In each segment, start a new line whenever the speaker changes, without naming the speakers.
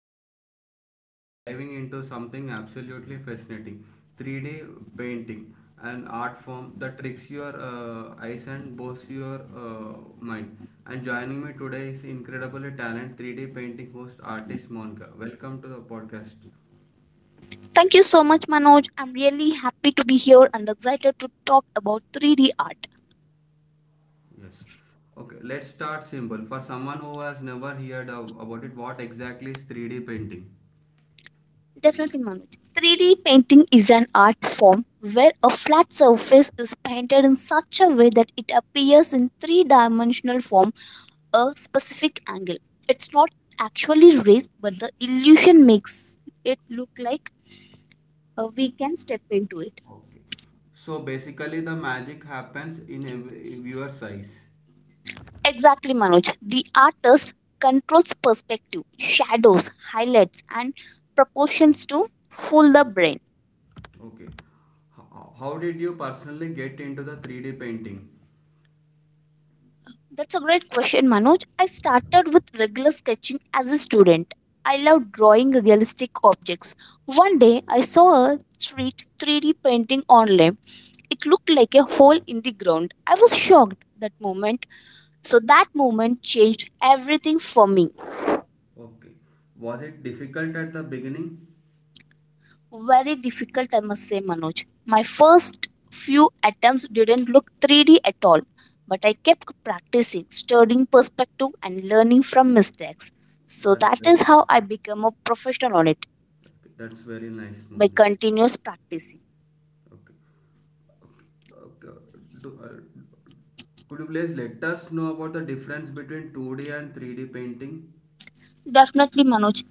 Manoj. Today we are diving into something absolutely fascinating, 3D painting, an art form that tricks your eyes and boasts your mind. And joining me today is incredibly talented 3D painting host artist Monica. Welcome to the podcast.
Thank you so much, Manoj. I'm really happy to be here and excited to talk about 3D art.
Yes. Okay, let's start simple. For someone who has never heard of, about it, what exactly is 3D painting?
Definitely, Manoj. 3D painting is an art form where a flat surface is painted in such a way that it appears in three dimensional form a specific angle. It's not actually raised, but the illusion makes it look like we can step into it.
Okay. So basically, the magic happens in your size.
Exactly, Manoj. The artist controls perspective, shadows, highlights, and proportions to fool the brain.
Okay. How did you personally get into the 3D painting?
That's a great question, Manoj. I started with regular sketching as a student. I love drawing realistic objects. One day, I saw a street 3D painting online. It looked like a hole in the ground. I was shocked that moment. So, that moment changed everything for me.
Okay. Was it difficult at the beginning?
Very difficult, I must say, Manoj. My first few attempts didn't look 3D at all, but I kept practicing, studying perspective, and learning from mistakes. So
That's
that
very,
is how I became a professional on it
okay, that's very nice,
by
Monica.
continuous practicing.
Okay. Okay. Okay. Do, uh, could you please let us know about the difference between 2D and 3D painting?
Definitely, Manoj,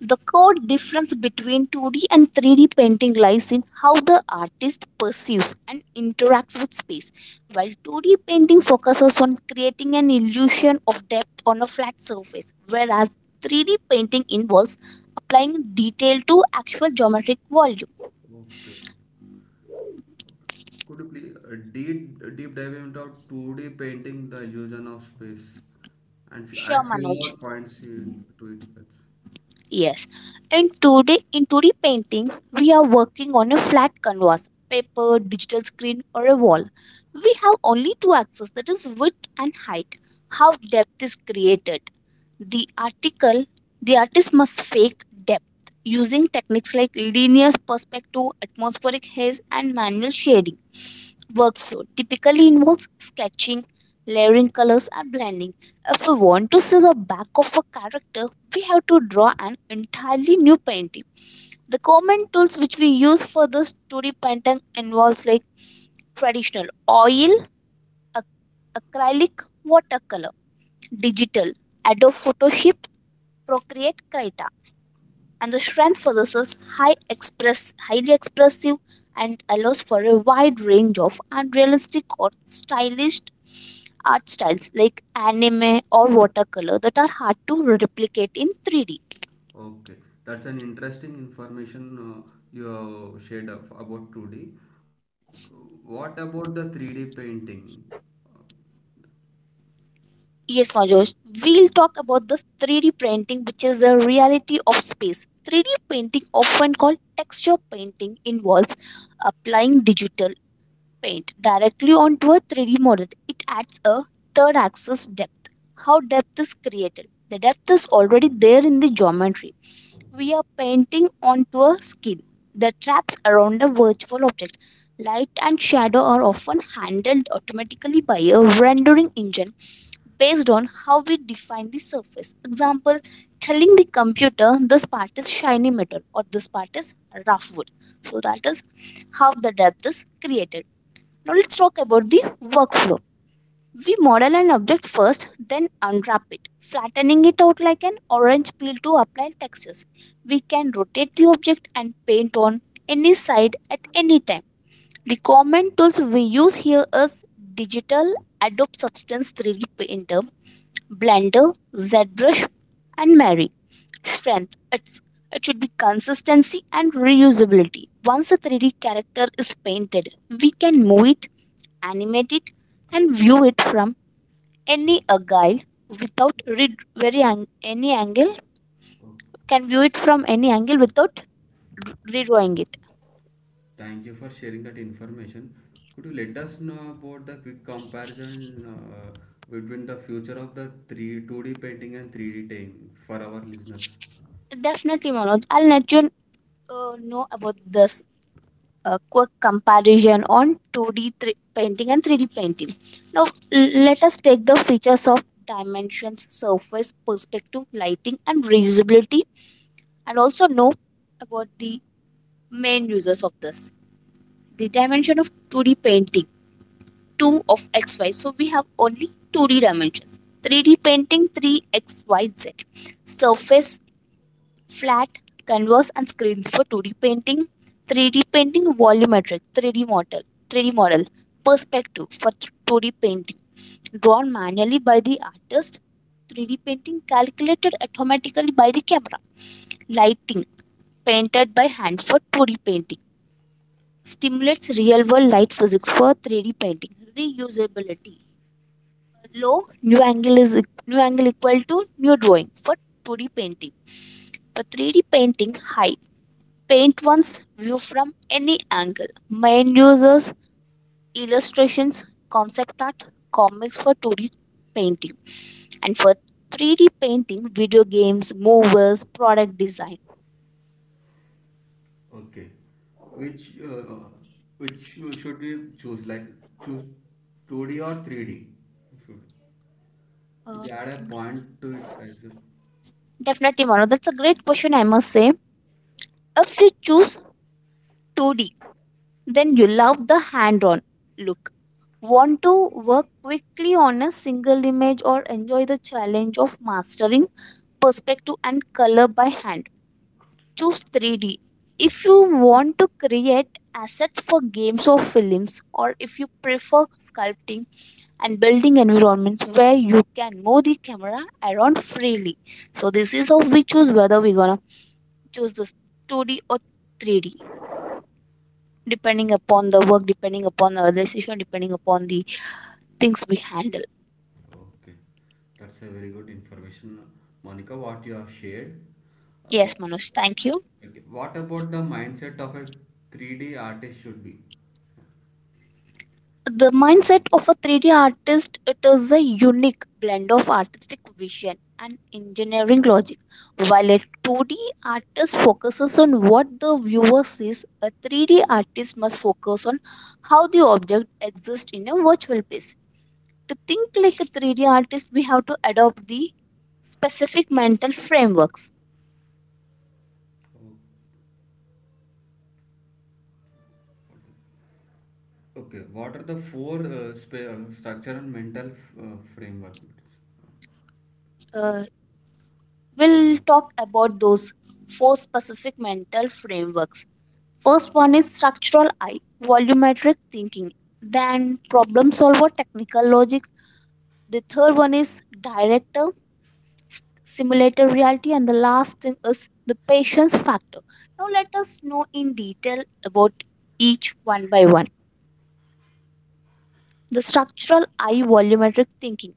the core difference between 2D and 3D painting lies in how the artist perceives and interacts with space. While 2D painting focuses on creating an illusion of depth on a flat surface, whereas 3D painting involves applying detail to actual geometric volume.
Okay. Could you please deep dive into 2D painting, the illusion of space, and
Sure,
add few more
Manoj.
points to it, guys.
Yes. And today, in 2D painting, we are working on a flat canvas, paper, digital screen, or a wall. We have only two axes, that is width and height. How depth is created? The article, the artist must fake depth using techniques like linear perspective, atmospheric haze, and manual shading. Workflow typically involves sketching, layering colors, and blending. If we want to see the back of a character, we have to draw an entirely new painting. The common tools which we use for the 2D painting involves like traditional oil, ac- acrylic, watercolor, digital, Adobe Photoshop, Procreate, Krita. And the strength for this is highly expressive and allows for a wide range of unrealistic or stylish art styles like anime or watercolor that are hard to replicate in 3D.
Okay, that's an interesting information you have shared about 2D. What about the 3D painting?
Yes, Manjoj, we'll talk about the 3D printing, which is a reality of space. 3D painting, often called texture painting, involves applying digital paint directly onto a 3D model. It adds a third axis depth. How depth is created? The depth is already there in the geometry, we are painting onto a skin. The traps around a virtual object. Light and shadow are often handled automatically by a rendering engine based on how we define the surface. Example, telling the computer this part is shiny metal or this part is rough wood. So that is how the depth is created. Now let's talk about the workflow. We model an object first, then unwrap it, flattening it out like an orange peel to apply textures. We can rotate the object and paint on any side at any time. The common tools we use here is digital, Adobe Substance 3D Painter, Blender, ZBrush, and Mari. Strength it's, it should be consistency and reusability. Once a 3D character is painted, we can move it, animate it, and view it from any angle without any angle,
Oh,
can view it from any angle without redrawing it.
thank you for sharing that information. Could you let us know about the quick comparison between the future of the 3 2D painting and 3D painting for our listeners?
Definitely, Manoj, I'll let you know about this quick comparison on 2d painting and 3D painting. Now let us take the features of dimensions, surface, perspective, lighting, and visibility, and also know about the main users of this. The dimension of 2D painting, 2 of xy, so we have only 2D dimensions. 3D painting, 3XYZ. Surface, flat canvas and screens for 2D painting; 3D painting, volumetric 3D model. Perspective for 2D painting, drawn manually by the artist; 3D painting, calculated automatically by the camera. Lighting, painted by hand for 2D painting, stimulates real world light physics for 3D painting. Reusability, low, new angle is new angle equal to new drawing for 2D painting; for 3D painting, high, paint one's view from any angle. Main users, illustrations, concept art, comics for 2D painting, and for 3D painting, video games, movies, product design.
Okay. Which uh, which should we choose? Like, choose 2D or 3D? Should,
Uh,
should we add a point to it as well?
Definitely, Mano, that's a great question, I must say. If you choose 2D, then you love the hand-on look, want to work quickly on a single image, or enjoy the challenge of mastering perspective and color by hand. Choose 3D if you want to create assets for games or films, or if you prefer sculpting and building environments where you can move the camera around freely. So this is how we choose whether we're gonna choose this 2D or 3D, depending upon the work, depending upon the decision, depending upon the things we handle.
Okay. That's a very good information, Monica, what you have shared. Uh, wha-
Yes, Manoj, thank you.
okay. What about the mindset of a 3D artist should be?
The mindset of a 3D artist, it is a unique blend of artistic vision and engineering logic. While a 2D artist focuses on what the viewer sees, a 3D artist must focus on how the object exists in a virtual space. To think like a 3D artist, we have to adopt the specific mental frameworks.
Okay. What are the four structure and mental framework?
Uh, we'll talk about those four specific mental frameworks. First one is structural I, volumetric thinking; then problem solver, technical logic. The third one is director, simulator reality, and the last thing is the patience factor. Now, let us know in detail about each one by one. The structural I, volumetric thinking.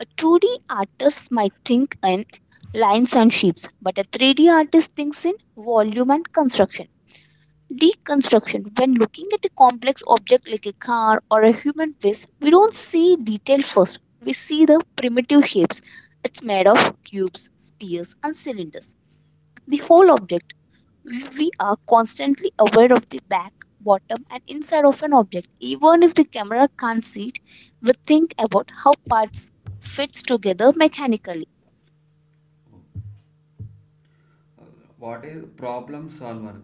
A 2D artist might think in lines and shapes, but a 3D artist thinks in volume and construction. Deconstruction: when looking at a complex object like a car or a human face, we don't see detail first. We see the primitive shapes. It's made of cubes, spheres, and cylinders. The whole object. We are constantly aware of the back, bottom, and inside of an object. Even if the camera can't see it, we think about how parts fits together mechanically.
Uh, What is problem solver?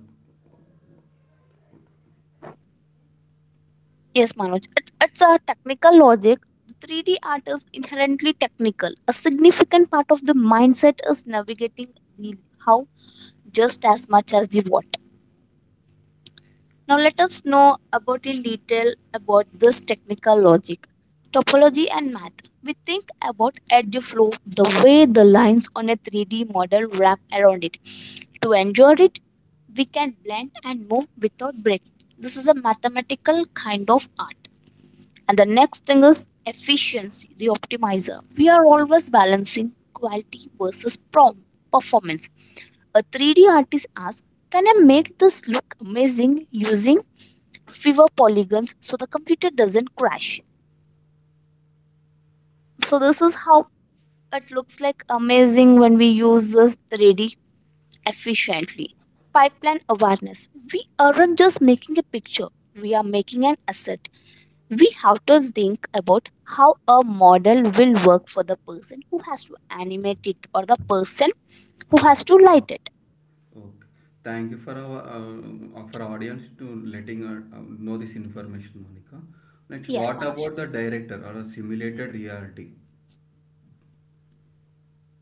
Yes, Manoj. It's a technical logic. The 3D art is inherently technical. A significant part of the mindset is navigating the how just as much as the what. Now, let us know about in detail about this technical logic, topology, and math. We think about edge flow, the way the lines on a 3D model wrap around it. To enjoy it, we can blend and move without breaking. This is a mathematical kind of art. And the next thing is efficiency, the optimizer. We are always balancing quality versus performance. A 3D artist asks, can I make this look amazing using fewer polygons so the computer doesn't crash? So, this is how it looks like amazing when we use this 3D efficiently. Pipeline awareness. We aren't just making a picture, we are making an asset. We have to think about how a model will work for the person who has to animate it or the person who has to light it.
Okay. Thank you for our audience to letting us know this information, Monica. Next,
Yes,
what
Manoj.
about the director or a simulated reality?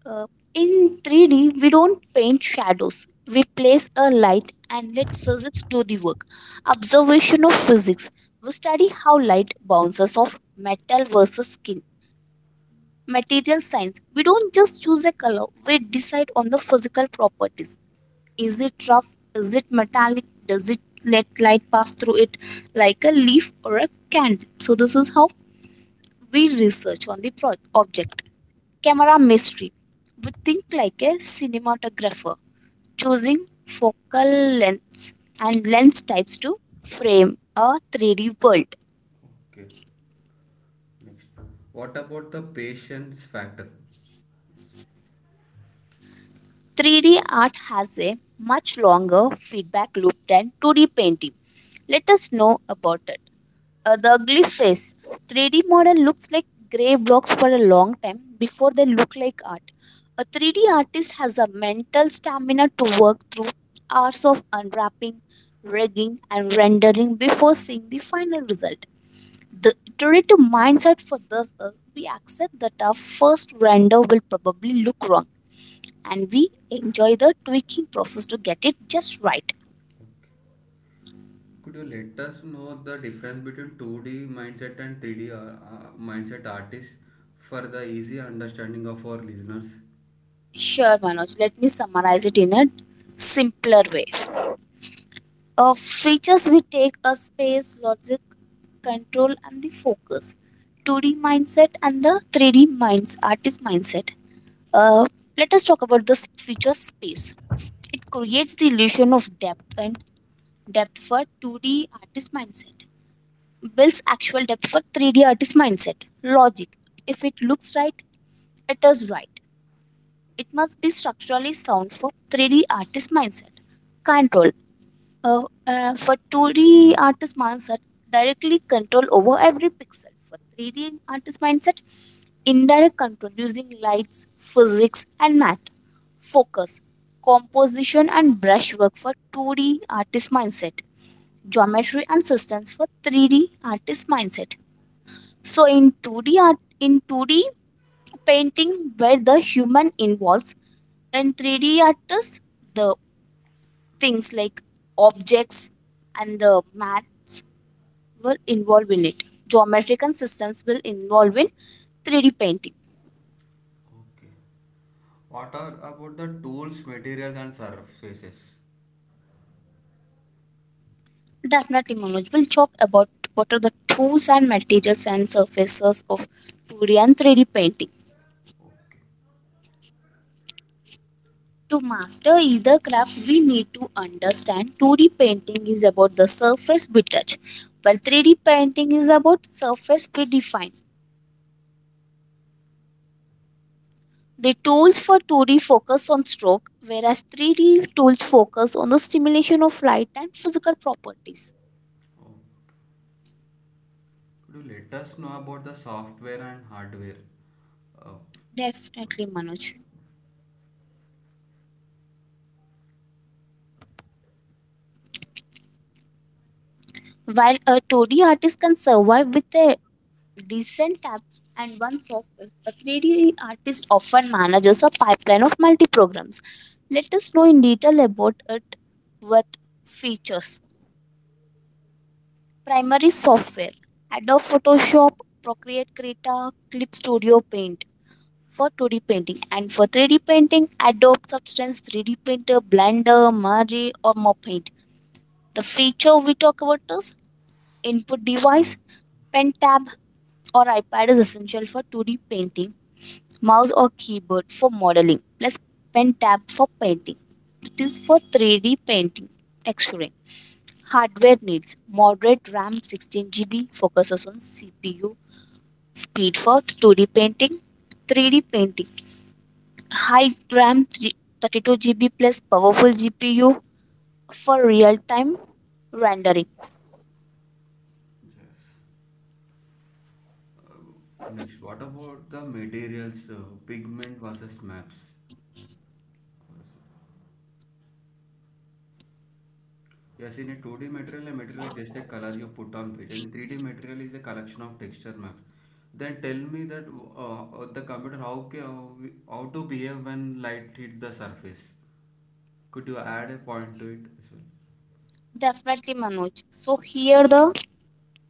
Uh, in 3D, we don't paint shadows. We place a light and let physics do the work. Observation of physics. We study how light bounces off metal versus skin. Material science. We don't just choose a color, we decide on the physical properties. Is it rough? Is it metallic? Does it let light pass through it like a leaf or a candle? So, this is how we research on the object. Camera mystery. We think like a cinematographer, choosing focal lengths and lens types to frame a 3D world.
Okay. Next, what about the patience factor?
3D art has a much longer feedback loop than 2D painting. Let us know about it. The ugly face. 3D model looks like gray blocks for a long time before they look like art. A 3D artist has a mental stamina to work through hours of unwrapping, rigging, and rendering before seeing the final result. The iterative mindset for this is we accept that our first render will probably look wrong and we enjoy the tweaking process to get it just right.
Could you let us know the difference between 2D mindset and 3D mindset artists for the easy understanding of our listeners?
Sure, Manoj, let me summarize it in a simpler way. Features we take: a space, logic, control, and the focus. 2D mindset and the 3D minds, artist mindset. Uh, Let us talk about this feature space. It creates the illusion of depth and depth for 2D artist mindset. Builds actual depth for 3D artist mindset. Logic. If it looks right, it is right. It must be structurally sound for 3D artist mindset. Control. For 2D artist mindset, directly control over every pixel. For 3D artist mindset, indirect control using lights, physics, and math. Focus, composition, and brushwork for 2D artist mindset. Geometry and systems for 3D artist mindset. So in 2D art, in 2D painting where the human involves, in 3D artists, the things like objects and the maths will involve in it. Geometric and systems will involve in 3D painting.
Okay. What are about the tools, materials, and surfaces?
Definitely, Manoj, will talk about what are the tools and materials and surfaces of 2D and 3D painting.
Okay.
To master either craft, we need to understand 2D painting is about the surface we touch, while 3D painting is about surface we define. The tools for 2D focus on stroke, whereas 3D tools focus on the stimulation of light and physical properties.
Could you let us know about the software and hardware? Uh,
Definitely, Manoj. While a 2D artist can survive with a decent app and one software, a 3D artist often manages a pipeline of multi programs. Let us know in detail about it with features. Primary software: Adobe Photoshop, Procreate, Krita, Clip Studio Paint for 2D painting, and for 3D painting Adobe Substance 3D Printer, Blender, Mari or Paint. The feature we talk about is input device. Pen tab or iPad is essential for 2D painting. Mouse or keyboard for modeling plus pen tab for painting, it is for 3D painting texturing. Hardware needs moderate RAM 16 GB, focuses on CPU speed for 2D painting. 3D painting: high RAM, 32 GB plus powerful GPU for real time rendering.
yes. Next, what about the materials, pigment versus maps? Yes, in a 2D material, a material is just a color you put on page, and 3D material is a collection of texture maps. Then tell me that the computer how ca- how we- how to behave when light hits the surface. Could you add a point to it as well?
Definitely, Manoj. So, here the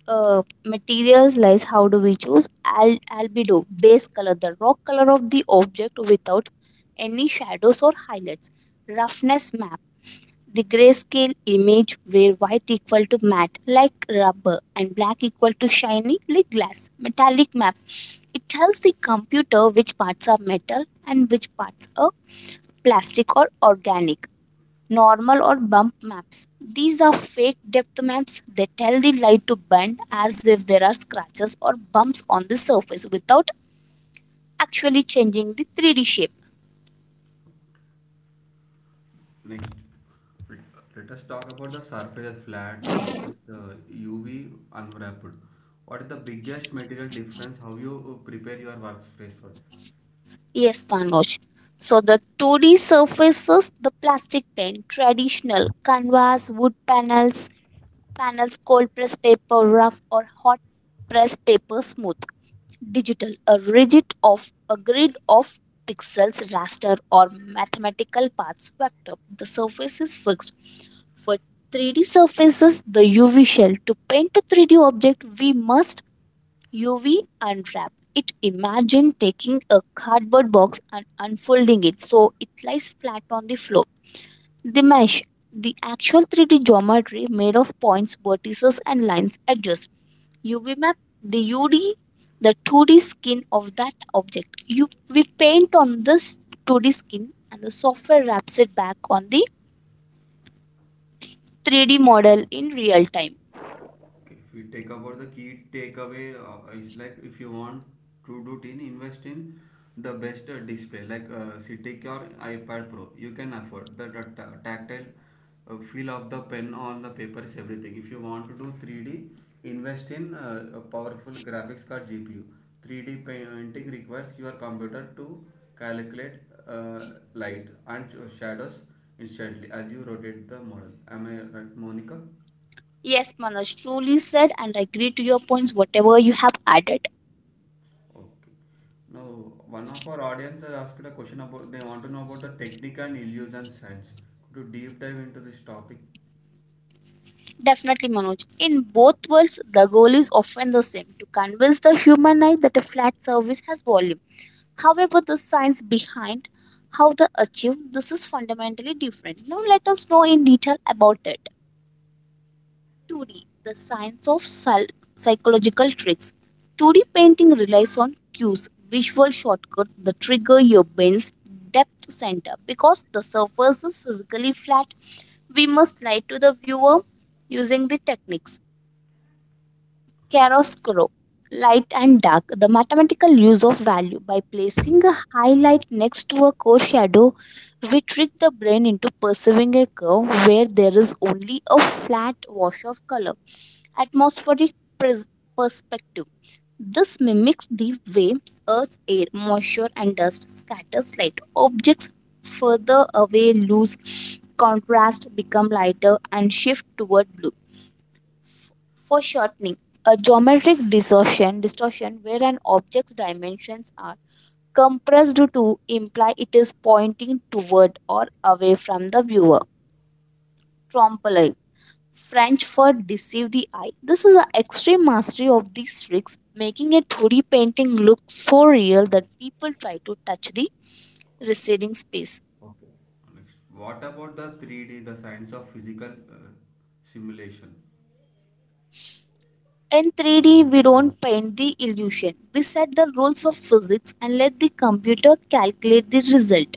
materials lies. How do we choose? Albedo base color, the rock color of the object without any shadows or highlights. Roughness map, the grayscale image where white equal to matte like rubber and black equal to shiny like glass. Metallic map, it tells the computer which parts are metal and which parts are plastic or organic. Normal or bump maps, these are fake depth maps. They tell the light to bend as if there are scratches or bumps on the surface without actually changing the 3d shape.
Next, let let us talk about the surface flat versus UV unwrapped. What is the biggest material difference? How you prepare your workspace for it?
Yes, Manoj. So the 2D surfaces, the plastic tent, traditional canvas, wood panels, panels, cold press paper rough, or hot press paper smooth. Digital, a rigid of a grid of pixels, raster, or mathematical paths vector. The surface is fixed. For 3D surfaces, the UV shell. To paint a 3D object, we must UV unwrap. It imagine taking a cardboard box and unfolding it so it lies flat on the floor. The mesh, the actual 3D geometry made of points, vertices, and lines edges. UV map, the UD, the 2D skin of that object. You we paint on this 2D skin and the software wraps it back on the 3D model in real time.
Okay, if we take about the key takeaway, is like if you want to do teen, invest in the best display like CTIC or iPad Pro. You can afford the tactile feel of the pen on the paper is everything. If you want to do 3D, invest in a powerful graphics card GPU. 3D painting requires your computer to calculate uh, light and shadows instantly as you rotate the model. Am I right, Monica?
Yes, Manoj truly said, and I agree to your points, whatever you have added.
Okay. Now, one of our audience has asked a question about they want to know about the technique and illusion science. Could you deep dive into this topic?
Definitely, Manoj. In both worlds, the goal is often the same, to convince the human eye that a flat surface has volume. However, the science behind how they achieve this is fundamentally different. Now, let us know in detail about it. 2D, the science of psychological tricks. 2D painting relies on cues, visual shortcuts that trigger your brain's depth center. Because the surface is physically flat, we must lie to the viewer using the techniques. Chiaroscuro, light and dark. The mathematical use of value: by placing a highlight next to a core shadow, we trick the brain into perceiving a curve where there is only a flat wash of color. Atmospheric pres- perspective. This mimics the way Earth's air, moisture, and dust scatters light. Objects further away lose contrast, become lighter, and shift toward blue. Foreshortening, a geometric distortion where an object's dimensions are compressed to imply it is pointing toward or away from the viewer. Trompe-l'œil, French for deceive the eye. This is an extreme mastery of these tricks, making a 2D painting look so real that people try to touch the receding space.
Next. What about the 3D, the science of physical simulation?
In 3D, we don't paint the illusion. We set the rules of physics and let the computer calculate the result.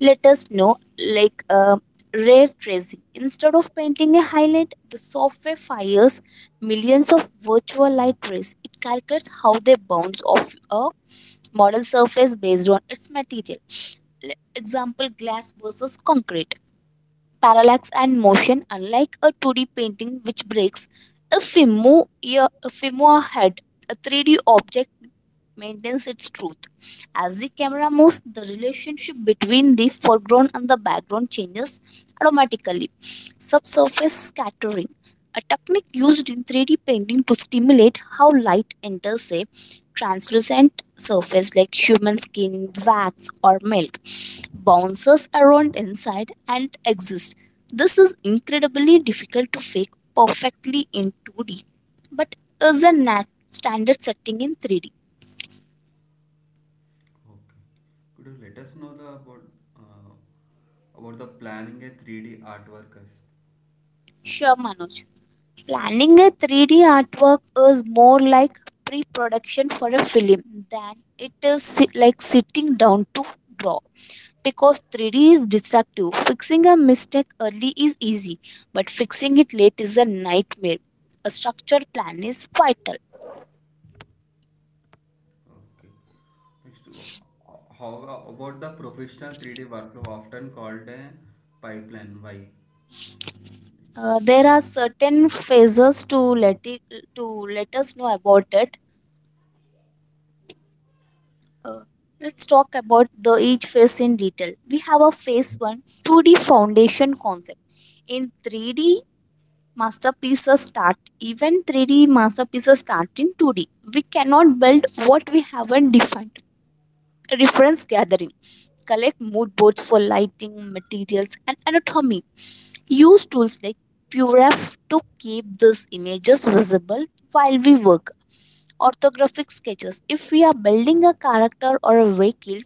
Let us know, like ray tracing. Instead of painting a highlight, the software fires millions of virtual light rays. It calculates how they bounce off a model surface based on its material. Example, glass versus concrete. Parallax and motion: unlike a 2d painting which breaks if we move ahead, a 3d object maintains its truth. As the camera moves, the relationship between the foreground and the background changes automatically. Subsurface scattering, a technique used in 3d painting to stimulate how light enters a translucent surface like human skin, wax, or milk, bounces around inside and exists. This is incredibly difficult to fake perfectly in 2D, but is a standard setting in 3D.
Okay. Could you let us know the uh, about the planning a 3D artwork?
Sure, Manoj. Planning a 3D artwork is more like pre production for a film than it is like sitting down to draw, because 3D is destructive. Fixing a mistake early is easy, but fixing it late is a nightmare. A structured plan is vital.
Okay. Next, how about the professional 3D workflow often called a pipeline? Why?
There are certain phases. To let us know about it. Uh, let's talk about the each phase in detail. We have a phase one: 2D foundation concept. In 3D masterpieces start even 3D masterpieces start in 2D. We cannot build what we haven't defined. Reference gathering: collect mood boards for lighting, materials, and anatomy. Use tools like Puref to keep these images visible while we work. Orthographic sketches: if we are building a character or a vehicle,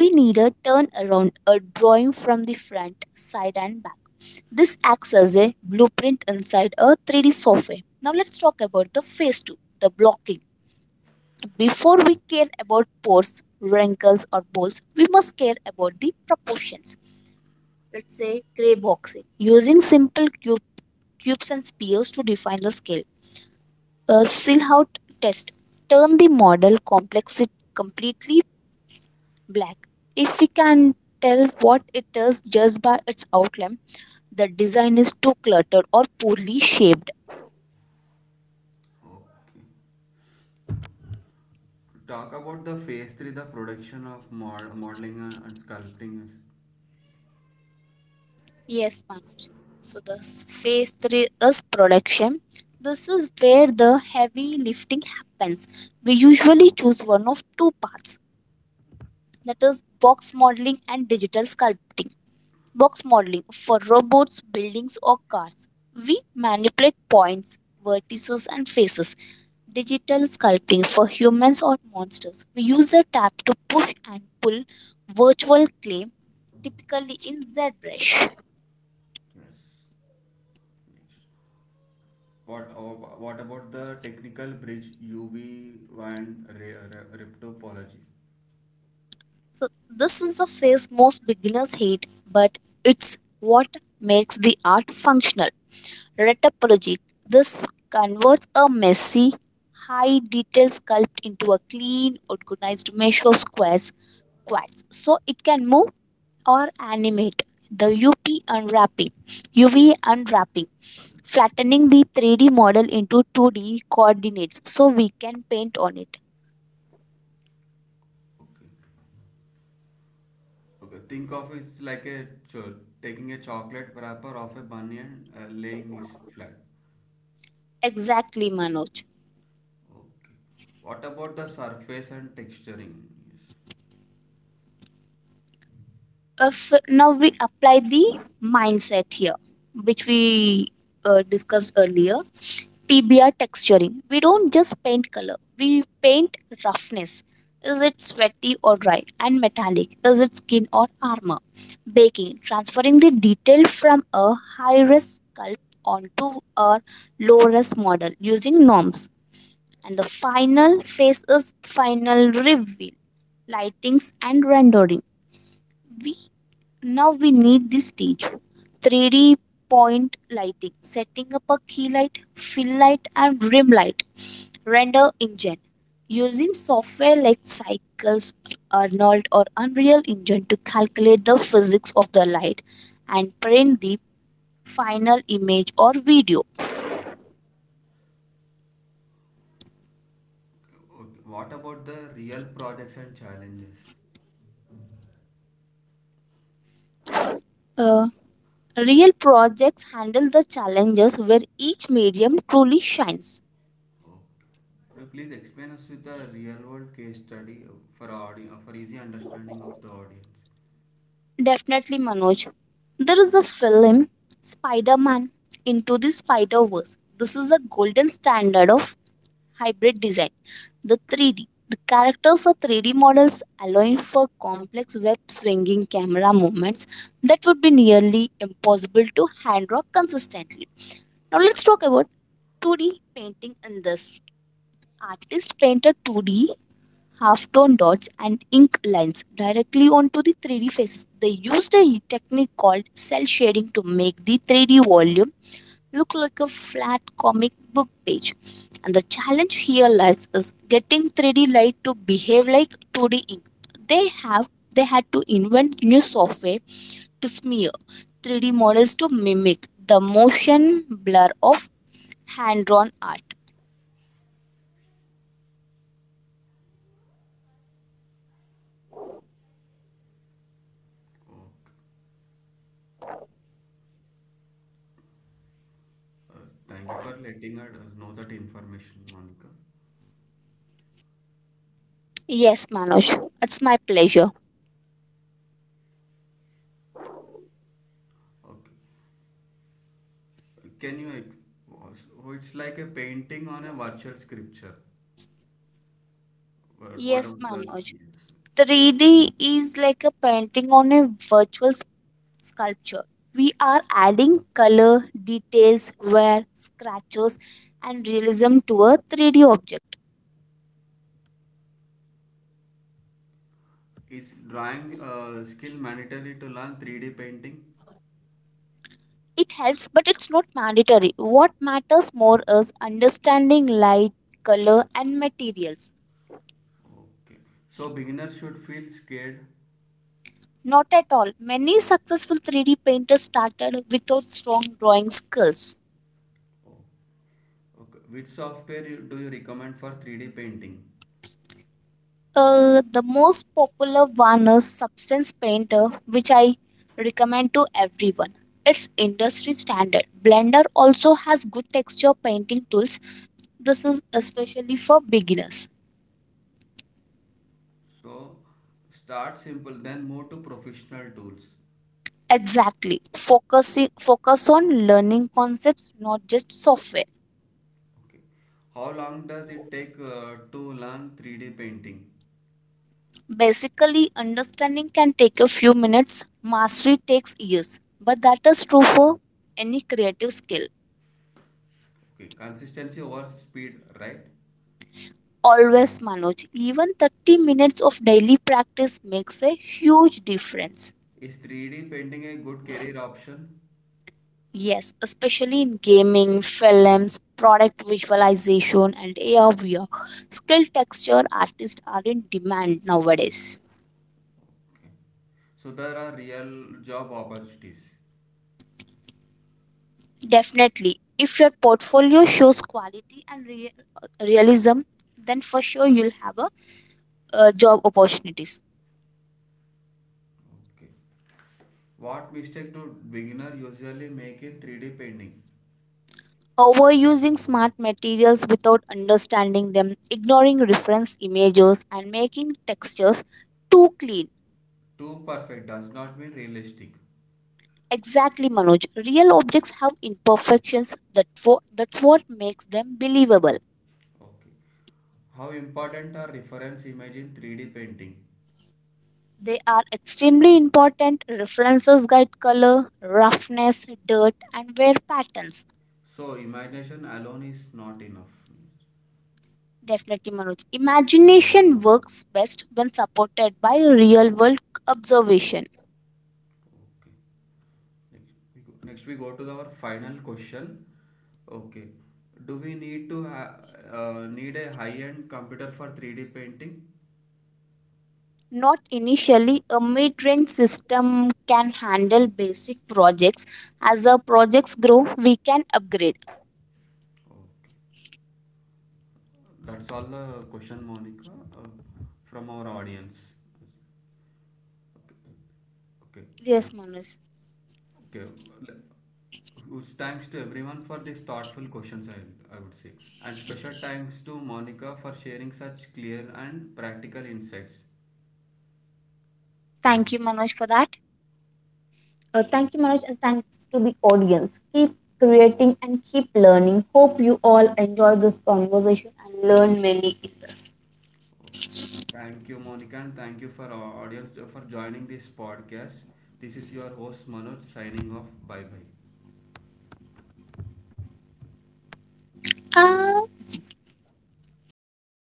we need a turnaround, a drawing from the front, side, and back. This acts as a blueprint inside a 3D software. Now let's talk about the phase two, the blocking. Before we care about pores, wrinkles, or holes, we must care about the proportions. Let's say gray boxing, using cubes and spheres to define the scale. A Silhouette test: turn the model complexity completely black. If we can tell what it is just by its outline, the design is too cluttered or poorly shaped.
Okay. To talk about the phase three, the production of modeling and sculpting.
Yes, Manoj. So the phase three is production. This is where the heavy lifting happens. We usually choose one of two paths, that is box modeling and digital sculpting. Box modeling for robots, buildings, or cars: we manipulate points, vertices, and faces. Digital sculpting for humans or monsters: we use a tap to push and pull virtual clay, typically in ZBrush.
Yes. Next. What about the technical bridge UV and riptopology?
So this is a phase most beginners hate, but it's what makes the art functional. Retopology: this converts a messy, high detail sculpt into a clean, organized mesh of squares, quads, so it can move or animate. The UP unwrapping, UV unwrapping, flattening the 3D model into 2D coordinates so we can paint on it.
Okay. Okay, think of it like a taking a chocolate wrapper off a bunny and laying it flat.
Exactly, Manoj.
Okay. What about the surface and texturing? Yes.
If now we apply the mindset here which we discussed earlier: pbr texturing, we don't just paint color, we paint roughness. Is it sweaty or dry? And metallic, is it skin or armor? Baking, transferring the detail from a high res sculpt onto a low res model using norms. And the final phase is final reveal, lightings and rendering. We now we need this stage. 3D point lighting, setting up a key light, fill light and rim light. Render engine, using software like Cycles, Arnold or Unreal Engine to calculate the physics of the light and print the final image or video.
Okay, what about the real projects and challenges?
Uh, Real projects handle the challenges where each medium truly shines.
Okay. Could you please explain us with the real world case study for easy understanding of the audience?
Definitely, Manoj. There is a film, Spider Man Into the Spider Verse. This is a golden standard of hybrid design. The 3D: the characters are 3D models, allowing for complex web swinging camera movements that would be nearly impossible to hand draw consistently. Now, let's talk about 2D painting in this. Artist painted 2D half-tone dots and ink lines directly onto the 3D faces. They used a technique called cell shading to make the 3D volume look like a flat comic book page. And the challenge here lies is getting 3D light to behave like 2D ink. They have they had to invent new software to smear 3D models to mimic the motion blur of hand drawn art.
Okay. Uh, Thank you for letting us know that information, Monica.
Yes, Manoj, it's my pleasure.
Okay. Can you? Oh, so it's like a painting on a virtual scripture. What
Yes,
of the
Manoj.
yes?
3D is like a painting on a virtual sculpture. We are adding color, details, wear, scratches, and realism to a 3D object.
Is drawing skill mandatory to learn 3D painting?
It helps, but it's not mandatory. What matters more is understanding light, color, and materials.
Okay. So beginners should feel scared.
Not at all. Many successful 3D painters started without strong drawing skills.
Oh, okay. Which software do you recommend for 3D painting?
The most popular one is Substance Painter, which I recommend to everyone. It's industry standard. Blender also has good texture painting tools. This is especially for beginners.
So start simple, then move to professional tools.
Exactly. Focus on learning concepts, not just software.
Okay. How long does it take to learn 3D painting?
Basically, understanding can take a few minutes. Mastery takes years. But that is true for any creative skill.
Okay. Consistency over speed, right?
Always, Manoj, even 30 minutes of daily practice makes a huge difference.
Is 3D painting a good career option?
Yes, especially in gaming, films, product visualization, and ARVR. VR. Skill texture artists are in demand nowadays.
Okay. So there are real job opportunities.
Definitely, if your portfolio shows quality and realism, then for sure you'll have a job opportunities.
Okay. What mistake do beginner usually make in 3D painting?
Overusing smart materials without understanding them, ignoring reference images, and making textures too clean.
Too perfect does not mean realistic.
Exactly, Manoj. Real objects have imperfections, that's what makes them believable.
Okay. How important are reference images in 3D painting?
They are extremely important. References guide color, roughness, dirt, and wear patterns.
So imagination alone is not enough.
Definitely, Manoj. Imagination works best when supported by real world observation.
Okay. Next Next we go to our final question. Okay. Do we need to need a high-end computer for 3D painting?
Not initially, a mid range system can handle basic projects. As our projects grow, we can upgrade.
Okay. That's all the question, Monica, uh, from our audience. Okay.
Yes, Manoj.
Okay. Okay. Thanks to everyone for these thoughtful questions, I would say. And special thanks to Monica for sharing such clear and practical insights.
Thank you, Manoj, for that. Thank you, Manoj, and thanks to the audience. Keep creating and keep learning. Hope you all enjoy this conversation and learn many things.
Okay. Thank you, Monica, and thank you for our audience for joining this podcast. This is your host Manoj signing off. Bye bye.
Uh,